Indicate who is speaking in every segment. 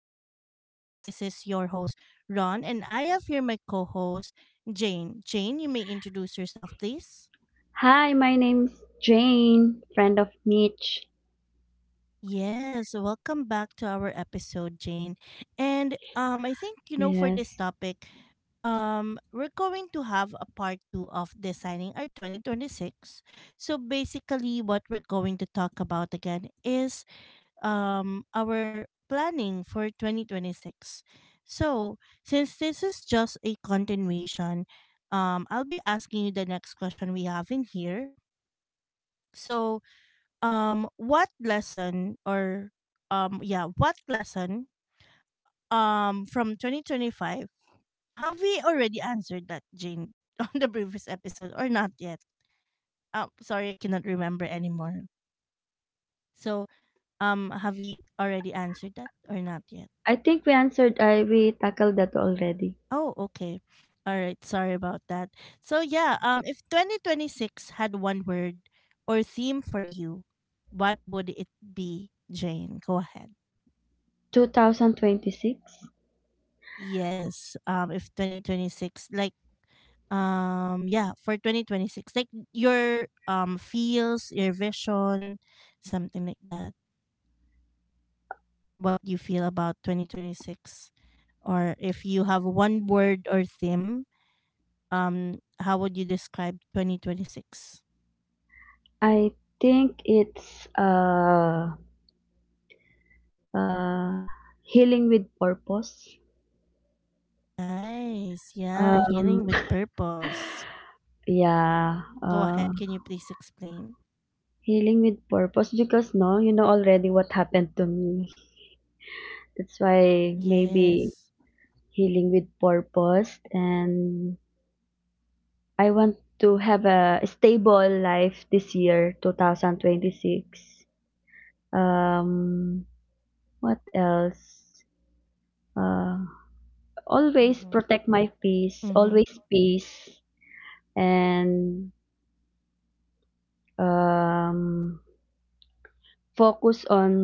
Speaker 1: Growth Podcast. This is your host, Ron, and I have here my co host, Jane. Jane, you may introduce yourself, please.
Speaker 2: Hi, my name's Jane, friend of Mitch.
Speaker 1: Yes, welcome back to our episode, Jane. And I think, you know, for
Speaker 2: Yes.
Speaker 1: this topic, we're going to have a part two of designing our 2026. So basically, what we're going to talk about again is our planning for 2026. So, since this is just a continuation, I'll be asking you the next question we have in here. So, what lesson or yeah, what lesson from 2025, have we already answered that, Jane, on the previous episode or not yet? Sorry, I cannot remember anymore. So, have we already answered that or not yet?
Speaker 2: I think we answered, I we tackled that already.
Speaker 1: Oh, okay. All right. Sorry about that. If 2026 had one word or theme for you, what would it be, Jane? Go ahead.
Speaker 2: 2026.
Speaker 1: Yes. If 2026, for 2026, like your feels, your vision, something like that. What you feel about 2026, or if you have one word or theme, how would you describe 2026?
Speaker 2: I think it's uh healing with purpose.
Speaker 1: Nice. Yeah,
Speaker 2: Um
Speaker 1: healing with purpose.
Speaker 2: yeah,
Speaker 1: Go ahead. Can you please explain?
Speaker 2: healing with purpose because no, you know already what happened to me. That's why
Speaker 1: Yeah.
Speaker 2: maybe healing with purpose and I want to have a stable life this year, 2026. Um, what else? Uh, Always
Speaker 1: Mm-hmm.
Speaker 2: protect my peace,
Speaker 1: Mm-hmm.
Speaker 2: always peace, and um, focus on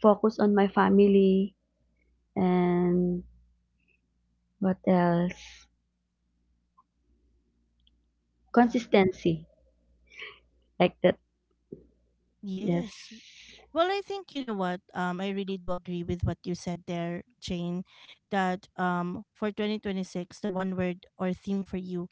Speaker 2: focus on my family and what else?
Speaker 1: Yeah.
Speaker 2: Consistency, like that.
Speaker 1: Yes.
Speaker 2: Yes.
Speaker 1: Well, I think you know what. I really do agree with what you said there, Jane. That for 2026, the one word or theme for you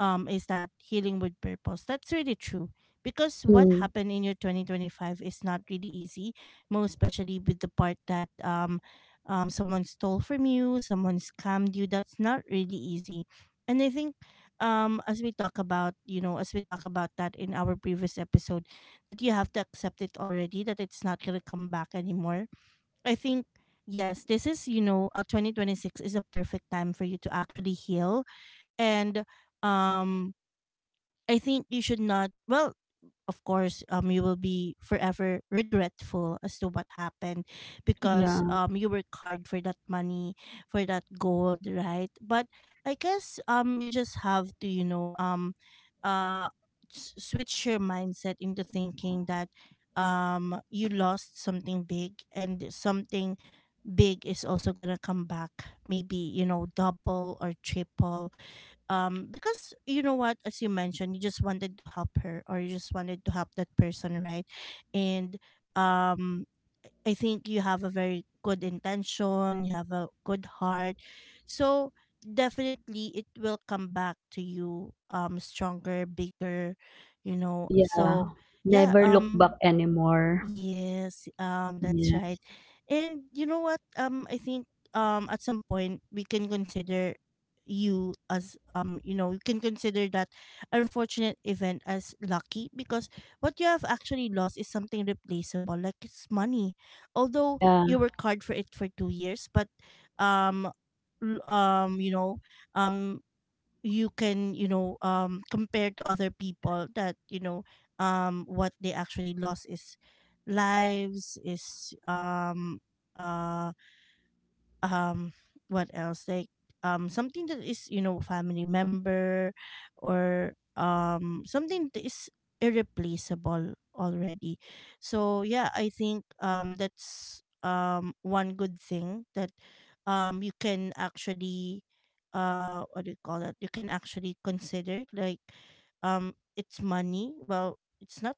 Speaker 1: is that healing with purpose, that's really true, because what
Speaker 2: Mm,
Speaker 1: happened in your 2025 is not really easy, most especially with the part that someone stole from you, someone scammed you. That's not really easy. And I think, as we talk about, you know, as we talk about that in our previous episode, that you have to accept it already, that it's not going to come back anymore. I think, yes, this is, you know, 2026 is a perfect time for you to actually heal. And um I think you should not. Well, of course, you will be forever regretful as to what happened because
Speaker 2: yeah,
Speaker 1: you work hard for that money, for that gold, right? But I guess, you just have to, you know, uh, switch your mindset into thinking that you lost something big, and something big is also gonna come back, maybe, you know, double or triple, because, you know what, as you mentioned, you just wanted to help her, or you just wanted to help that person, right? And um I think you have a very good intention, you have a good heart. So definitely it will come back to you, stronger, bigger, you know.
Speaker 2: yeah.
Speaker 1: so yeah
Speaker 2: Never look
Speaker 1: um
Speaker 2: back anymore.
Speaker 1: yes, that's
Speaker 2: Yes.
Speaker 1: right. And you know what? I think at some point we can consider you as, you know, you can consider that unfortunate event as lucky, because what you have actually lost is something replaceable, like it's money. Although
Speaker 2: Yeah,
Speaker 1: you worked hard for it for 2 years, but um you know, um you can, you know, compare to other people that, you know, what they actually lost is lives, is uh um what else, like something that is, you know, family member, or something that is irreplaceable already. So yeah, I think that's, one good thing that you can actually, what do you call that, you can actually consider, like, it's money. Well, it's not,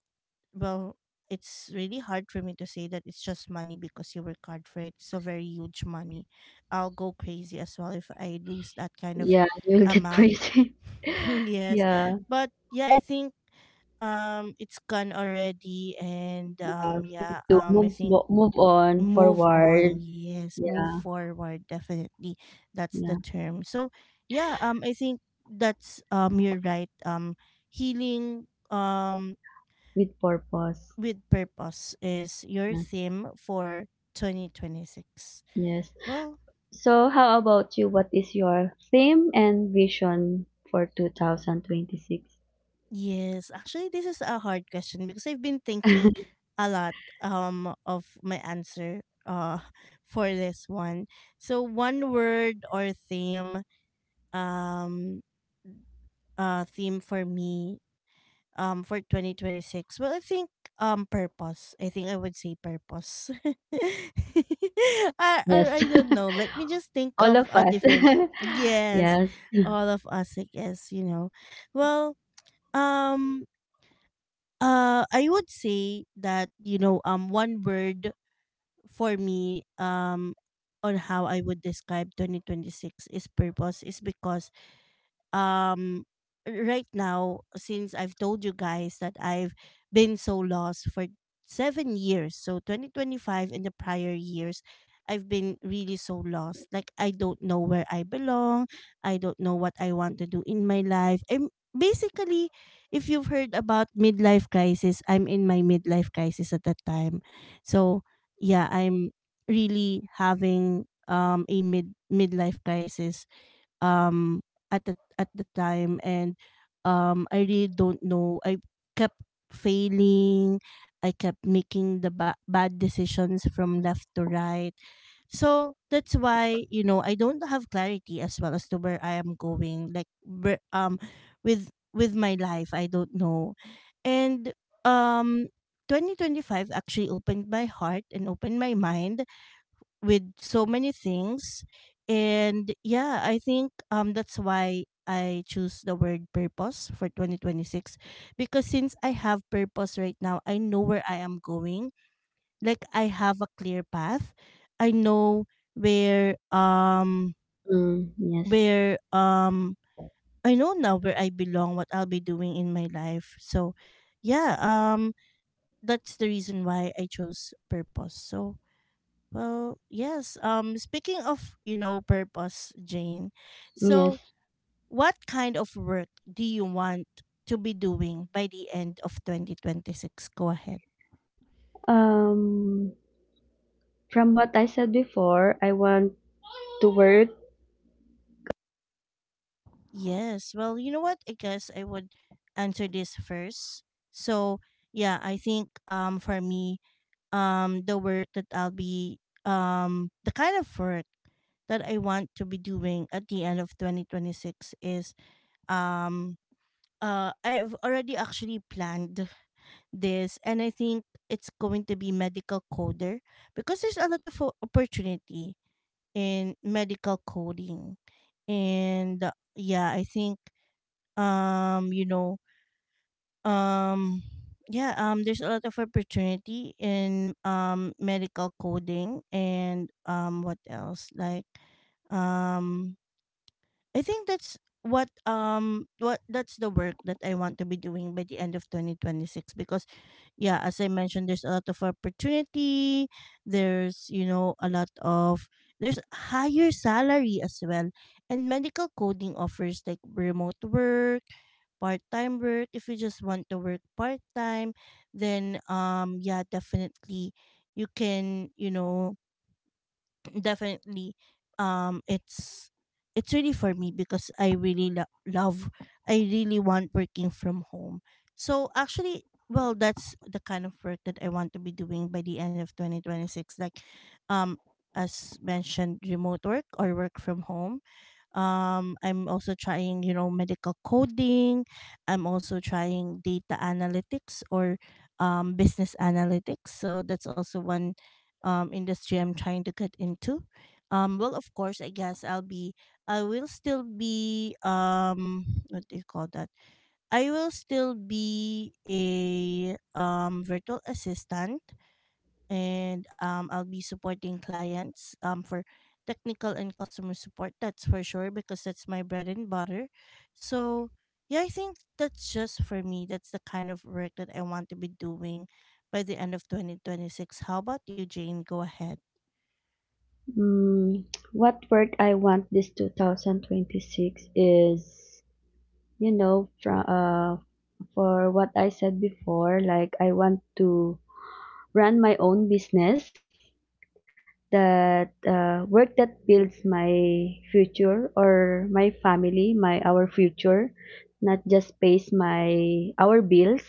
Speaker 1: well, it's really hard for me to say that it's just money, because you work hard for it, it's a very huge money. I'll go crazy as well if I lose that kind of
Speaker 2: yeah, you'll get
Speaker 1: amount.
Speaker 2: crazy.
Speaker 1: Yes.
Speaker 2: Yeah,
Speaker 1: But yeah, I think it's gone already, and
Speaker 2: yeah, we need to
Speaker 1: I think
Speaker 2: move on
Speaker 1: move on.
Speaker 2: forward.
Speaker 1: Yes,
Speaker 2: Yeah,
Speaker 1: move forward definitely. That's the
Speaker 2: yeah,
Speaker 1: term. So yeah, um, I think that's you're right. Healing
Speaker 2: with purpose.
Speaker 1: with purpose is your
Speaker 2: Yes,
Speaker 1: theme for 2026.
Speaker 2: yes.
Speaker 1: Well,
Speaker 2: So, how about you? What is your theme and vision for 2026?
Speaker 1: yes, actually, this is a hard question because I've been thinking a lot of my answer for this one. So one word or um theme for me for 2026. Well, I think purpose. I think I would say purpose. I
Speaker 2: Yes,
Speaker 1: don't know. Let me just think
Speaker 2: all
Speaker 1: of
Speaker 2: of
Speaker 1: a
Speaker 2: us.
Speaker 1: different. Yes,
Speaker 2: Yes,
Speaker 1: all of us, I guess, you know. Well, um I would say that, you know, one word for me, on how I would describe 2026 is purpose is because um right now, since I've told you guys that I've been so lost for 7 years, so 2025 and the prior years I've been really so lost, like I don't know where I belong, I don't know what I want to do in my life. I'm basically, if you've heard about midlife crisis, I'm in my midlife crisis at that time. So yeah, I'm really having a midlife crisis um at the time, and I really don't know. I kept failing. I kept making the bad decisions from left to right. So that's why, you know, I don't have clarity as well as to where I am going. Like, where, with my life, I don't know, and um. 2025 actually opened my heart and opened my mind with so many things. And yeah, I think that's why I choose the word purpose for 2026, because since I have purpose right now, I know where I am going. Like, I have a clear path. I know where um
Speaker 2: mm, yes,
Speaker 1: where I know now where I belong, what I'll be doing in my life. So yeah um that's the reason why I chose purpose. So, well, yes. Speaking of, you know, purpose, Jane.
Speaker 2: yes.
Speaker 1: So, what kind of work do you want to be doing by the end of 2026? Go ahead.
Speaker 2: Um, from what I said before, I want to work.
Speaker 1: Yes. Well, you know what? I guess I would answer this first. So, yeah, I think for me, the kind of work that I want to be doing at the end of 2026 is um I've already actually planned this, and I think it's going to be medical coder because there's a lot of opportunity in medical coding. And yeah, I think, you know, um yeah there's a lot of opportunity in medical coding. And what else, like, um I think that's what that's the work that I want to be doing by the end of 2026, because yeah, as I mentioned, there's a lot of opportunity. There's, you know, a lot of, there's higher salary as well, and medical coding offers like remote work, part-time work, if you just want to work part-time. Then yeah, definitely you can, you know, definitely um it's it's really for me, because I really love, I really want working from home. So actually, well, that's the kind of work that I want to be doing by the end of 2026. Like, um as mentioned, remote work or work from home. I'm also trying, you know, medical coding. I'm also trying data analytics or business analytics. So that's also one industry I'm trying to get into. Well, of course, I guess I'll be, I will still be, what do you call that, I will still be a virtual assistant, and I'll be supporting clients for technical and customer support. That's for sure because that's my bread and butter. So yeah, I think that's just for me. That's the kind of work that I want to be doing by the end of 2026. How about you, Jane? Go ahead.
Speaker 2: Mm, what work I want this 2026 is, you know, for what I said before, like I want to run my own business that work that builds my future or my family, my our future, not just pays my our bills,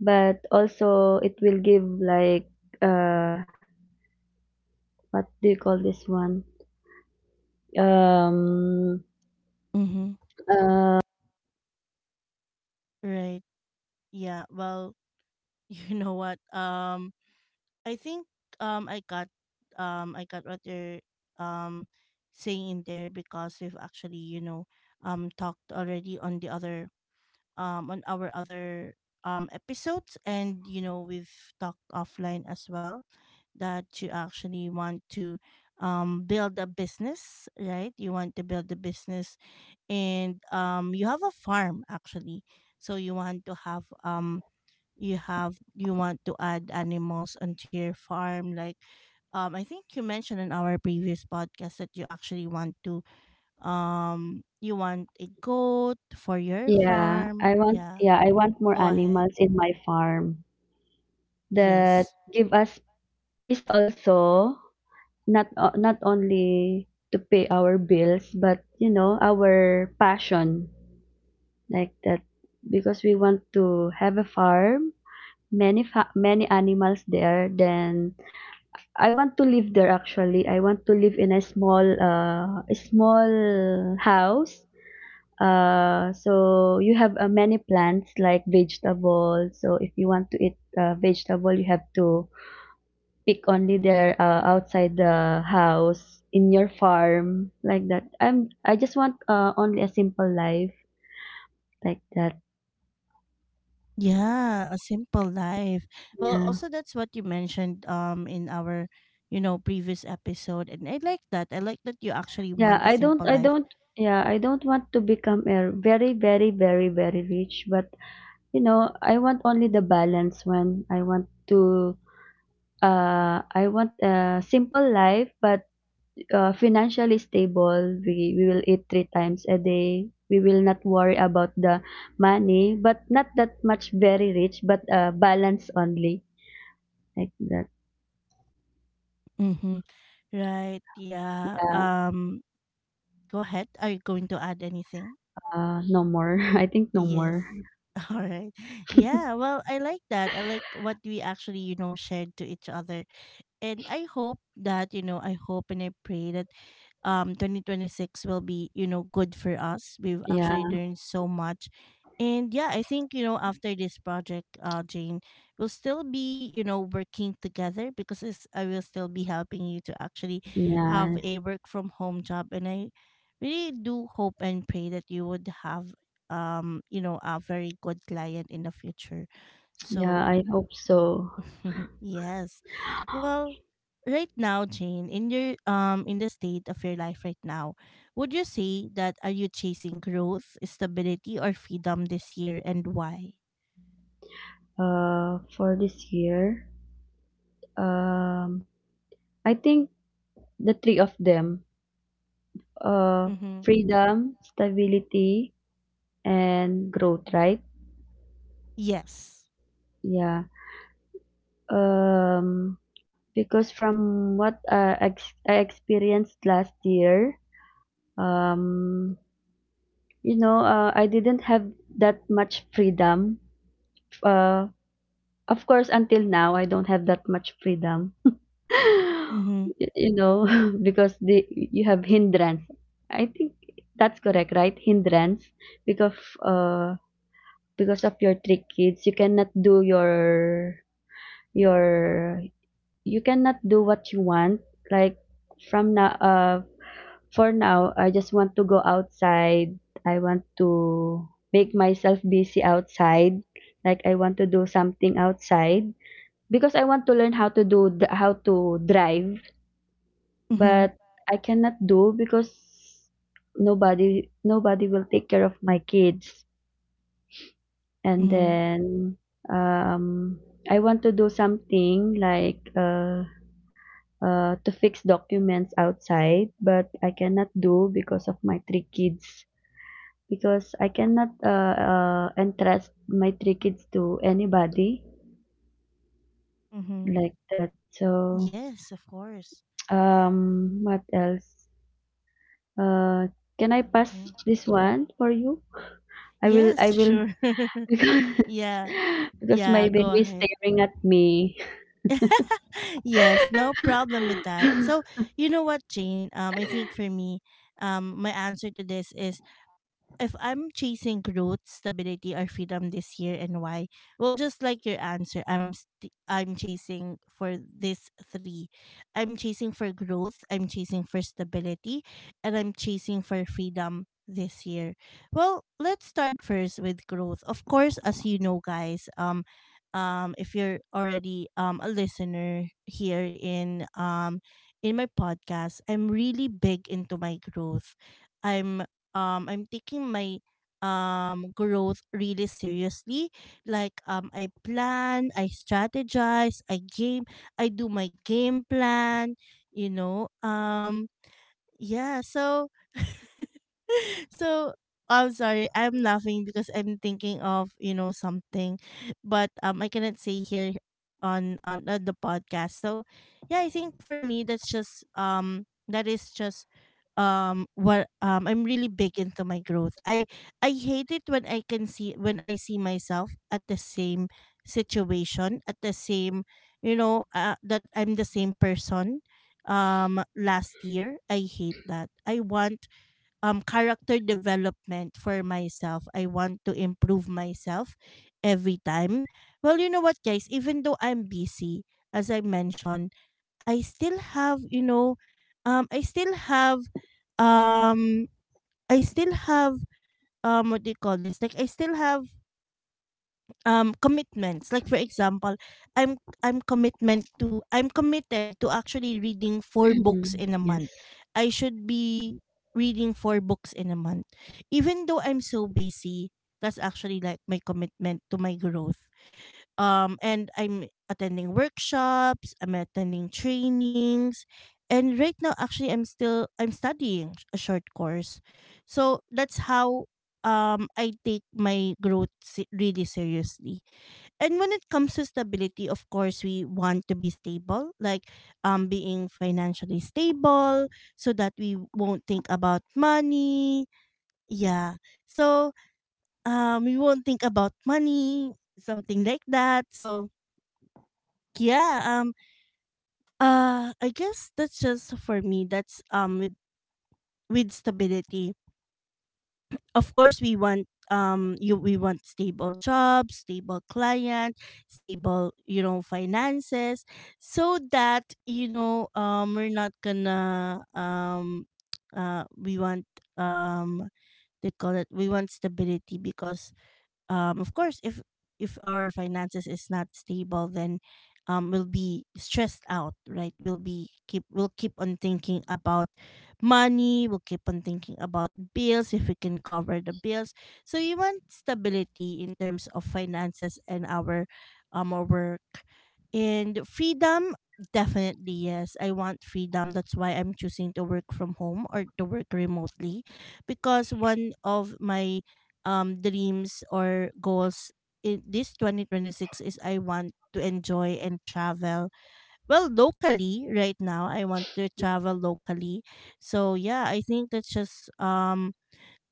Speaker 2: but also it will give like uh, what do you call this one? Um,
Speaker 1: Mm-hmm.
Speaker 2: uh.
Speaker 1: Right. Yeah. Well, you know what? I think um I got I got what you're um saying in there, because we've actually, you know, talked already on the other on our other episodes, and you know, we've talked offline as well, that you actually want to build a business, right? You want to build a business. And you have a farm actually, so you want to have you want to add animals onto your farm, like, I think you mentioned in our previous podcast that you actually want to, you want a goat for your
Speaker 2: Yeah,
Speaker 1: farm.
Speaker 2: I want
Speaker 1: Yeah,
Speaker 2: I want more
Speaker 1: go ahead.
Speaker 2: animals in my farm that
Speaker 1: Yes.
Speaker 2: give us peace also, not only to pay our bills, but you know, our passion like that because we want to have a farm, many animals there, then I want to live there actually. I want to live in a small house. So you have many plants like vegetables. So if you want to eat vegetable, you have to pick only there outside the house in your farm like that. I just want only a simple life like that.
Speaker 1: Yeah, a simple life. Well,
Speaker 2: Yeah.
Speaker 1: also that's what you mentioned in our, you know, previous episode, and I like that, I like that you actually
Speaker 2: Yeah,
Speaker 1: want a simple
Speaker 2: I
Speaker 1: life.
Speaker 2: don't yeah, I don't want to become a very very very very rich, but you know, I want only the balance when I want to I want a simple life but financially stable. We will eat three times a day. We will not worry about the money, but not that much very rich, but balance only. Like that.
Speaker 1: Mm-hmm. Right. yeah
Speaker 2: Yeah.
Speaker 1: um go ahead, are you going to add anything?
Speaker 2: No more. I think no
Speaker 1: Yes.
Speaker 2: more.
Speaker 1: All right. Yeah, well, I like that. I like what we actually, you know, shared to each other. And I hope that, you know, I hope and I pray that 2026 will be good for us. We've actually
Speaker 2: Yeah.
Speaker 1: learned so much. And yeah, I think after this project, Jane, we'll still be working together because I will still be helping you to actually have
Speaker 2: Yeah.
Speaker 1: a work from home job. And I really do hope and pray that you would have a very good client in the future.
Speaker 2: Yeah.
Speaker 1: So
Speaker 2: I hope so.
Speaker 1: yes. Well, right now, Jane, in the state of your life right now, would you say that are you chasing growth, stability, or freedom this year and why?
Speaker 2: For this year, um, I think the three of them, uh, freedom, stability, and growth, right?
Speaker 1: Yes.
Speaker 2: Yeah. Um, Because from what I experienced last year, um, you know, I didn't have that much freedom. Uh, of course, until now, I don't have that much freedom.
Speaker 1: Mhm.
Speaker 2: You know, because the you have hindrance. I think that's correct, right? Hindrance because uh because of your three kids, you cannot do your you cannot do what you want. Like from now, uh For now, I just want to go outside. I want to make myself busy outside. Like I want to do something outside because I want to learn how to drive,
Speaker 1: Mhm,
Speaker 2: but I cannot do because nobody will take care of my kids. And
Speaker 1: mhm,
Speaker 2: then um I want to do something like to fix documents outside, but I cannot do because of my three kids, because I cannot entrust my three kids to anybody
Speaker 1: mhm.
Speaker 2: like that. So,
Speaker 1: Yes, of course.
Speaker 2: what else? Uh, can I pass
Speaker 1: Mhm.
Speaker 2: this one for you? I
Speaker 1: Yes,
Speaker 2: will,
Speaker 1: sure.
Speaker 2: because
Speaker 1: Yeah,
Speaker 2: because
Speaker 1: yeah,
Speaker 2: my
Speaker 1: go
Speaker 2: baby is
Speaker 1: ahead.
Speaker 2: staring at me.
Speaker 1: Yes, no problem with that. So, you know what, Jane? I think for me, my answer to this is if I'm chasing growth, stability, or freedom this year, and why? Well, just like your answer, I'm chasing for this three. I'm chasing for growth. I'm chasing for stability, and I'm chasing for freedom this year. Well, let's start first with growth. Of course, as you know, guys, if you're already a listener here in my podcast, I'm really big into my growth. I'm I'm taking my growth really seriously. Like I plan, I strategize, I game, I do my game plan, you know. Um yeah, so so I'm sorry, I'm laughing because I'm thinking of, something. But I cannot say here on the podcast. So yeah, I think for me that's just that is just what I'm really big into my growth. I hate it when I can see when I see myself at the same situation, at the same that I'm the same person last year. I hate that. I want character development for myself. I want to improve myself every time. Well, you know what, guys, even though I'm busy, as I mentioned, I still have, um I still have um I still have what do you call this? Like I still have commitments, like for example, I'm committed to actually reading four books
Speaker 2: Mm,
Speaker 1: in a
Speaker 2: yes,
Speaker 1: month. I should be reading four books in a month, even though I'm so busy. That's actually like my commitment to my growth. And I'm attending workshops, I'm attending trainings. And right now actually, I'm studying a short course. So that's how I take my growth, really seriously. And when it comes to stability, of course, we want to be stable, like being financially stable, so that we won't think about money. Yeah. So we won't think about money, something like that. So yeah, I guess that's just for me. That's with stability. Of course, we want stable jobs, stable client, stable finances, so that we're not gonna, we want, um they call it, we want stability, because of course, if our finances is not stable, then we'll be stressed out, right? We'll keep on thinking about money, we'll keep on thinking about bills, if we can cover the bills. So we want stability in terms of finances and our work. And freedom, definitely. Yes, I want freedom. That's why I'm choosing to work from home or to work remotely, because one of my dreams or goals in this 2026 is I want to enjoy and travel, well, locally. Right now, I want to travel locally. So yeah, I think that's just um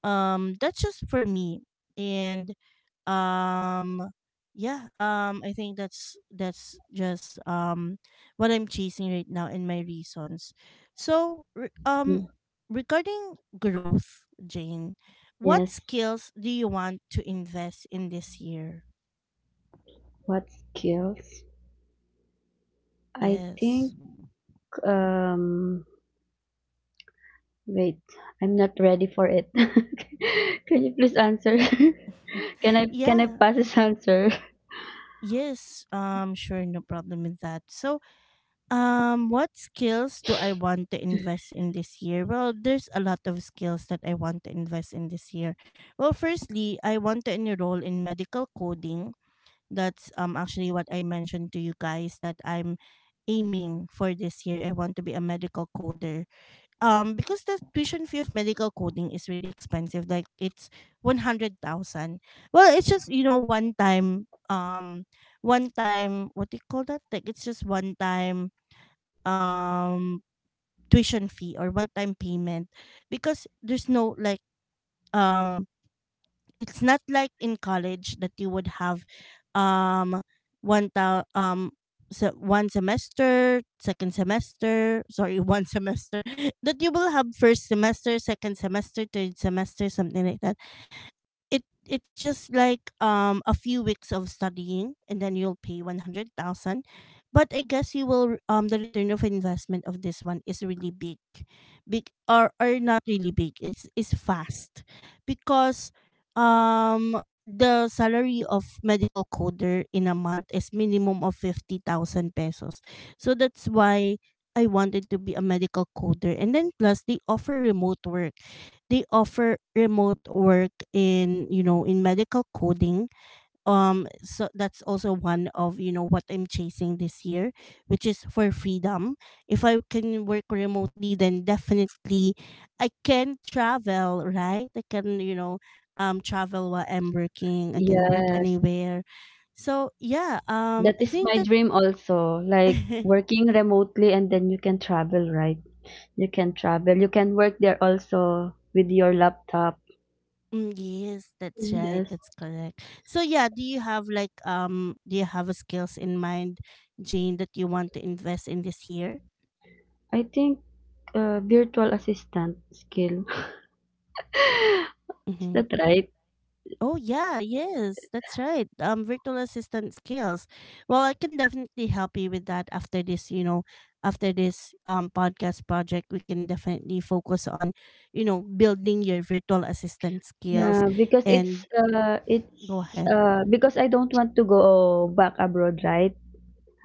Speaker 1: um, that's just for me. And um yeah, I think that's just what I'm chasing right now and my reasons. So
Speaker 2: mm,
Speaker 1: regarding growth, Jane, what
Speaker 2: yes.
Speaker 1: skills do you want to invest in this year?
Speaker 2: What skills? I think
Speaker 1: Yes.
Speaker 2: um, wait, I'm not ready for it. Can you please answer? Can I
Speaker 1: Yeah.
Speaker 2: pass this answer?
Speaker 1: Yes. Sure. No problem with that. So, what skills do I want to invest in this year? Well, there's a lot of skills that I want to invest in this year. Well, firstly, I want to enroll in medical coding. That's actually what I mentioned to you guys that I'm aiming for this year. I want to be a medical coder. Because the tuition fee of medical coding is really expensive. Like it's 100,000. Well, it's just, you know, one time one time, what do you call that? Like, it's just one time um tuition fee or one time payment, because there's no like um it's not like in college that you would have um one thou so one semester, second semester, sorry, one semester, that you will have first semester, second semester, third semester, something like that. It's just like a few weeks of studying, and then you'll pay 100,000. But I guess you will, the return of investment of this one is really big big or not really big, it's fast. Because um the salary of medical coder in a month is minimum of 50,000 pesos. So that's why I wanted to be a medical coder, and then plus They offer remote work in you know in medical coding. So that's also one of, what I'm chasing this year, which is for freedom. If I can work remotely, then definitely I can travel, right? I can, travel while I'm working. I can work
Speaker 2: Yes.
Speaker 1: anywhere. So yeah,
Speaker 2: That
Speaker 1: I
Speaker 2: is
Speaker 1: think
Speaker 2: my
Speaker 1: that.
Speaker 2: dream also. Like working remotely and then you can travel, right? You can travel. You can work there also with your laptop.
Speaker 1: Mm, yes, that's right.
Speaker 2: Yes.
Speaker 1: That's correct. So yeah, do you have, like do you have a skills in mind, Jane, that you want to invest in this year?
Speaker 2: I think virtual assistant skill. Is
Speaker 1: Mm-hmm.
Speaker 2: that right?
Speaker 1: Oh yeah, yes, that's right. Virtual assistant skills. Well, I can definitely help you with that after this, podcast project, we can definitely focus on, building your virtual assistant skills.
Speaker 2: Yeah, because
Speaker 1: And go
Speaker 2: it's
Speaker 1: ahead.
Speaker 2: because I don't want to go back abroad, right?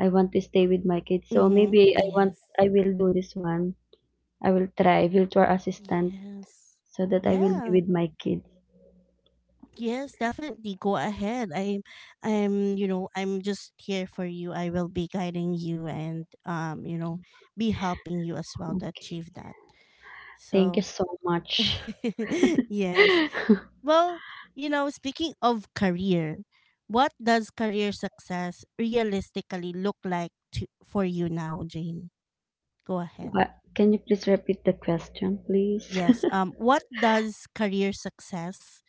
Speaker 2: I want to stay with my kids. So
Speaker 1: Mm-hmm.
Speaker 2: maybe
Speaker 1: Yes.
Speaker 2: I will do this one. I will try virtual assistant
Speaker 1: Yes.
Speaker 2: so that I will be
Speaker 1: Yeah.
Speaker 2: with my kids.
Speaker 1: Yes, definitely. Go ahead. I'm just here for you. I will be guiding you and, be helping you as well to
Speaker 2: Okay.
Speaker 1: achieve that.
Speaker 2: Thank you
Speaker 1: So,
Speaker 2: so much.
Speaker 1: yes. Well, you know, speaking of career, what does career success realistically look like, to for you now, Jane? Go ahead.
Speaker 2: But can you please repeat the question, please?
Speaker 1: Yes. What does career success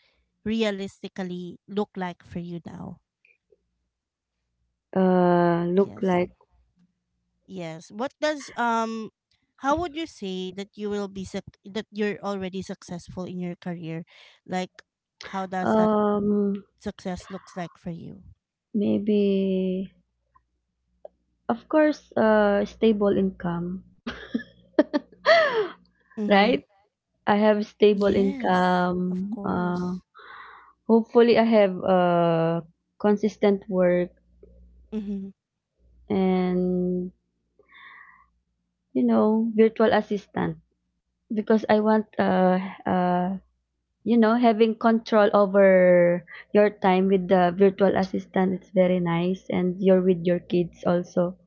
Speaker 1: realistically look like for you now?
Speaker 2: Look
Speaker 1: Yes.
Speaker 2: like
Speaker 1: Yes. What does how would you say that you will be, suc that you're already successful in your career? Like how does that
Speaker 2: um
Speaker 1: success looks like for you?
Speaker 2: maybe of course stable income.
Speaker 1: Mhm.
Speaker 2: Right? I have stable
Speaker 1: Yes, of
Speaker 2: income.
Speaker 1: course.
Speaker 2: Hopefully I have consistent work
Speaker 1: Mhm.
Speaker 2: and you know virtual assistant because I want uh you know having control over your time with the virtual assistant, it's very nice and you're with your kids also.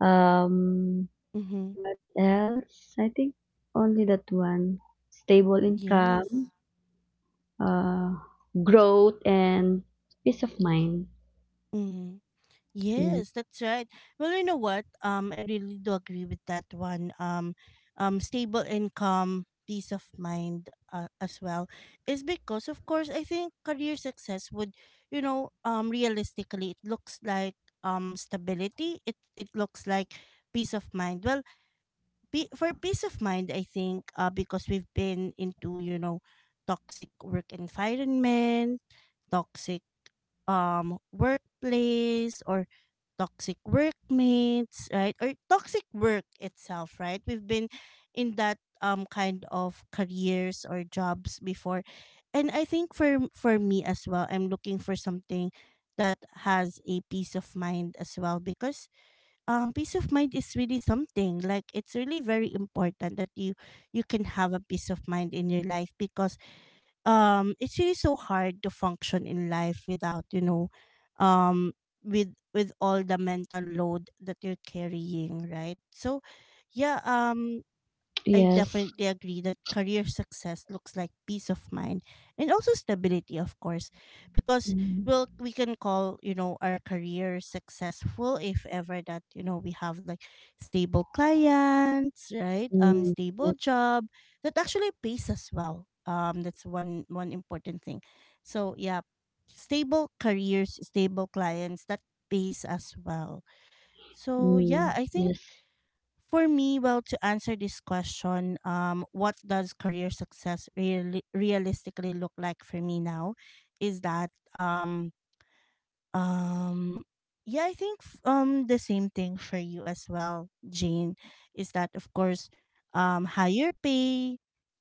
Speaker 2: um
Speaker 1: Mhm.
Speaker 2: what else? I think only that one, stable
Speaker 1: Yes.
Speaker 2: income, uh growth and peace of mind.
Speaker 1: Mhm.
Speaker 2: Yes.
Speaker 1: Yes, that's right. Well, you know what? I really do agree with that one. Stable income, peace of mind, as well, is because of course I think career success would, realistically it looks like stability. It looks like peace of mind. Well, for peace of mind, I think because we've been into, toxic work environment, toxic workplace, or toxic workmates, right? Or toxic work itself, right? We've been in that kind of careers or jobs before. And I think for me as well, I'm looking for something that has a peace of mind as well, because peace of mind is really something, like it's really very important that you can have a peace of mind in your life, because it's really so hard to function in life without, um with all the mental load that you're carrying, right? So yeah, I
Speaker 2: Yes.
Speaker 1: definitely agree that career success looks like peace of mind, and also stability, of course, because
Speaker 2: Mm,
Speaker 1: well, we can call, our career successful if ever that, we have like stable clients, right?
Speaker 2: mm,
Speaker 1: Stable
Speaker 2: yes.
Speaker 1: job that actually pays us well. That's one important thing. So yeah, stable careers, stable clients that pays us well. So yeah,
Speaker 2: Mm,
Speaker 1: I think
Speaker 2: yes.
Speaker 1: for me, well, to answer this question, what does career success really realistically look like for me now, is that um yeah, I think, the same thing for you as well, Jane, is that of course, higher pay,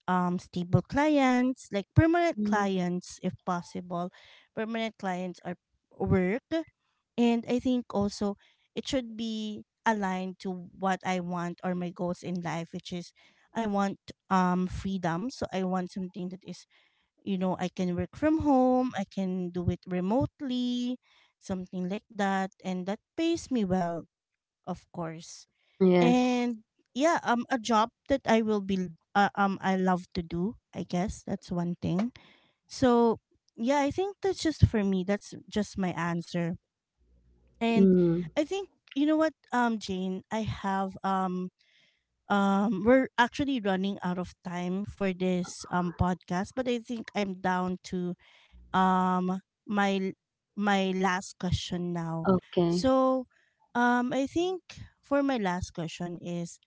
Speaker 1: stable clients, like permanent
Speaker 2: Mm,
Speaker 1: clients if possible. Permanent clients are work, and I think also it should be aligned to what I want or my goals in life, which is I want freedom. So I want something that is, I can work from home, I can do it remotely, something like that. And that pays me well, of course.
Speaker 2: yes.
Speaker 1: And yeah, a job that I will be, I love to do, I guess. That's one thing. So yeah, I think that's just for me. That's just my answer. And
Speaker 2: Mm,
Speaker 1: I think you know what, Jane, I have we're actually running out of time for this podcast, but I think I'm down to um my my last question now.
Speaker 2: okay.
Speaker 1: So I think for my last question is,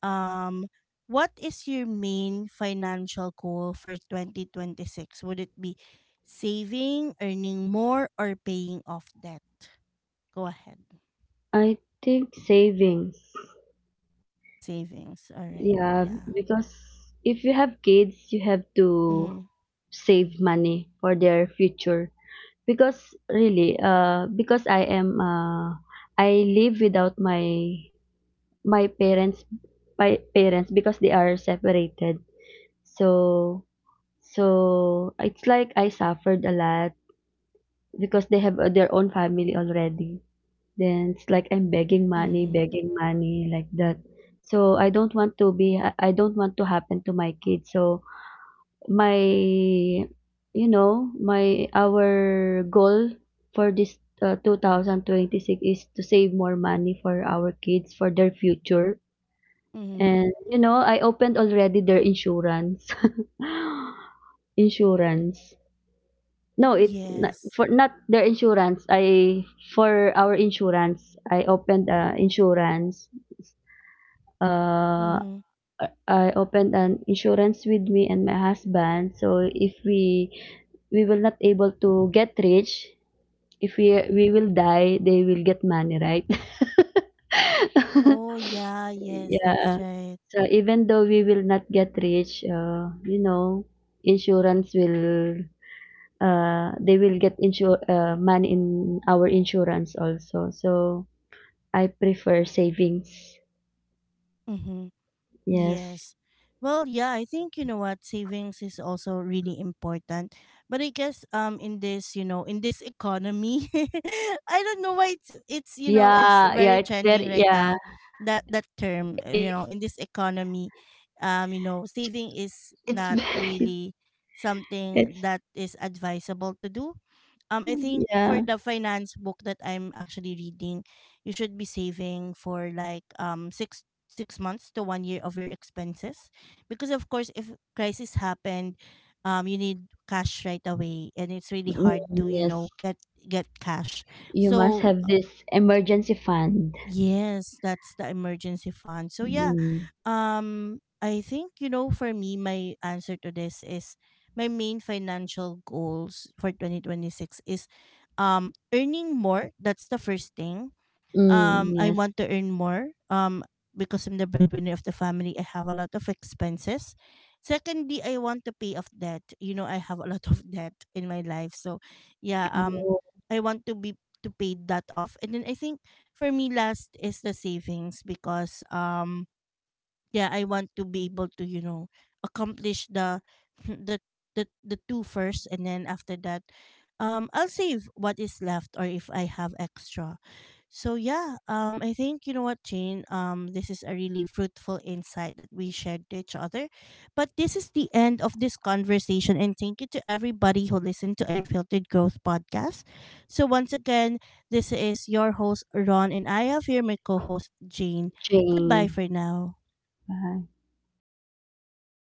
Speaker 1: um what is your main financial goal for 2026? Would it be saving, earning more, or paying off debt? Go ahead.
Speaker 2: I think savings.
Speaker 1: Savings, alright,
Speaker 2: Yeah,
Speaker 1: yeah.
Speaker 2: because if you have kids, you have to
Speaker 1: Mhm,
Speaker 2: save money for their future. Because really, because I live without my parents, my parents because they are separated. So, so it's like I suffered a lot because they have their own family already. Then it's like I'm
Speaker 1: mm.
Speaker 2: begging money like that. So I don't want to happen to my kids. So my you know, my our goal for this 2026 is to save more money for our kids for their future.
Speaker 1: Mhm,
Speaker 2: And you know, I opened already their insurance. Insurance. No, it's not
Speaker 1: yes.
Speaker 2: for not their insurance. I For our insurance, I opened insurance. Uh,
Speaker 1: Mhm.
Speaker 2: I opened an insurance with me and my husband. So if we we will not able to get rich, if we we will die, they will get money, right?
Speaker 1: Oh, yeah, yes, that's
Speaker 2: Yeah.
Speaker 1: right.
Speaker 2: So even though we will not get rich, you know, insurance will they will get insure money in our insurance also. So I prefer savings.
Speaker 1: Mhm.
Speaker 2: Yes.
Speaker 1: Yes. Well, yeah, I think you know what, savings is also really important. But I guess in this, in this economy, I don't know why it's
Speaker 2: Yeah, yeah,
Speaker 1: very
Speaker 2: it's very
Speaker 1: trending right
Speaker 2: yeah.
Speaker 1: now. That term,
Speaker 2: It's
Speaker 1: you know, in this economy, you know, saving is
Speaker 2: it's
Speaker 1: not
Speaker 2: very
Speaker 1: really something
Speaker 2: it's
Speaker 1: that is advisable to do. I think
Speaker 2: yeah.
Speaker 1: for the finance book that I'm actually reading, you should be saving for like six months to one year of your expenses, because of course if crisis happened, you need cash right away, and it's really
Speaker 2: Mm,
Speaker 1: hard to,
Speaker 2: yes.
Speaker 1: get cash.
Speaker 2: You must
Speaker 1: So
Speaker 2: have this emergency fund.
Speaker 1: yes, that's the emergency fund. So yeah,
Speaker 2: Mm.
Speaker 1: I think, for me, my answer to this is my main financial goals for 2026 is, earning more. That's the first thing.
Speaker 2: Mm,
Speaker 1: I
Speaker 2: yes.
Speaker 1: want to earn more. Because I'm the breadwinner of the family, I have a lot of expenses. Secondly, I want to pay off debt. You know, I have a lot of debt in my life. So yeah,
Speaker 2: Oh,
Speaker 1: I want to be to pay that off. And then I think for me, last is the savings, because yeah, I want to be able to, accomplish the the the two first, and then after that, I'll save what is left or if I have extra. So yeah, I think you know what, Jane. This is a really fruitful insight that we shared to each other. But this is the end of this conversation, and thank you to everybody who
Speaker 2: yeah.
Speaker 1: listened to Unfiltered Growth podcast. So once again, this is your host Ron, and I have here my co-host Jane. Goodbye
Speaker 2: Jane.
Speaker 1: for now.
Speaker 2: Bye.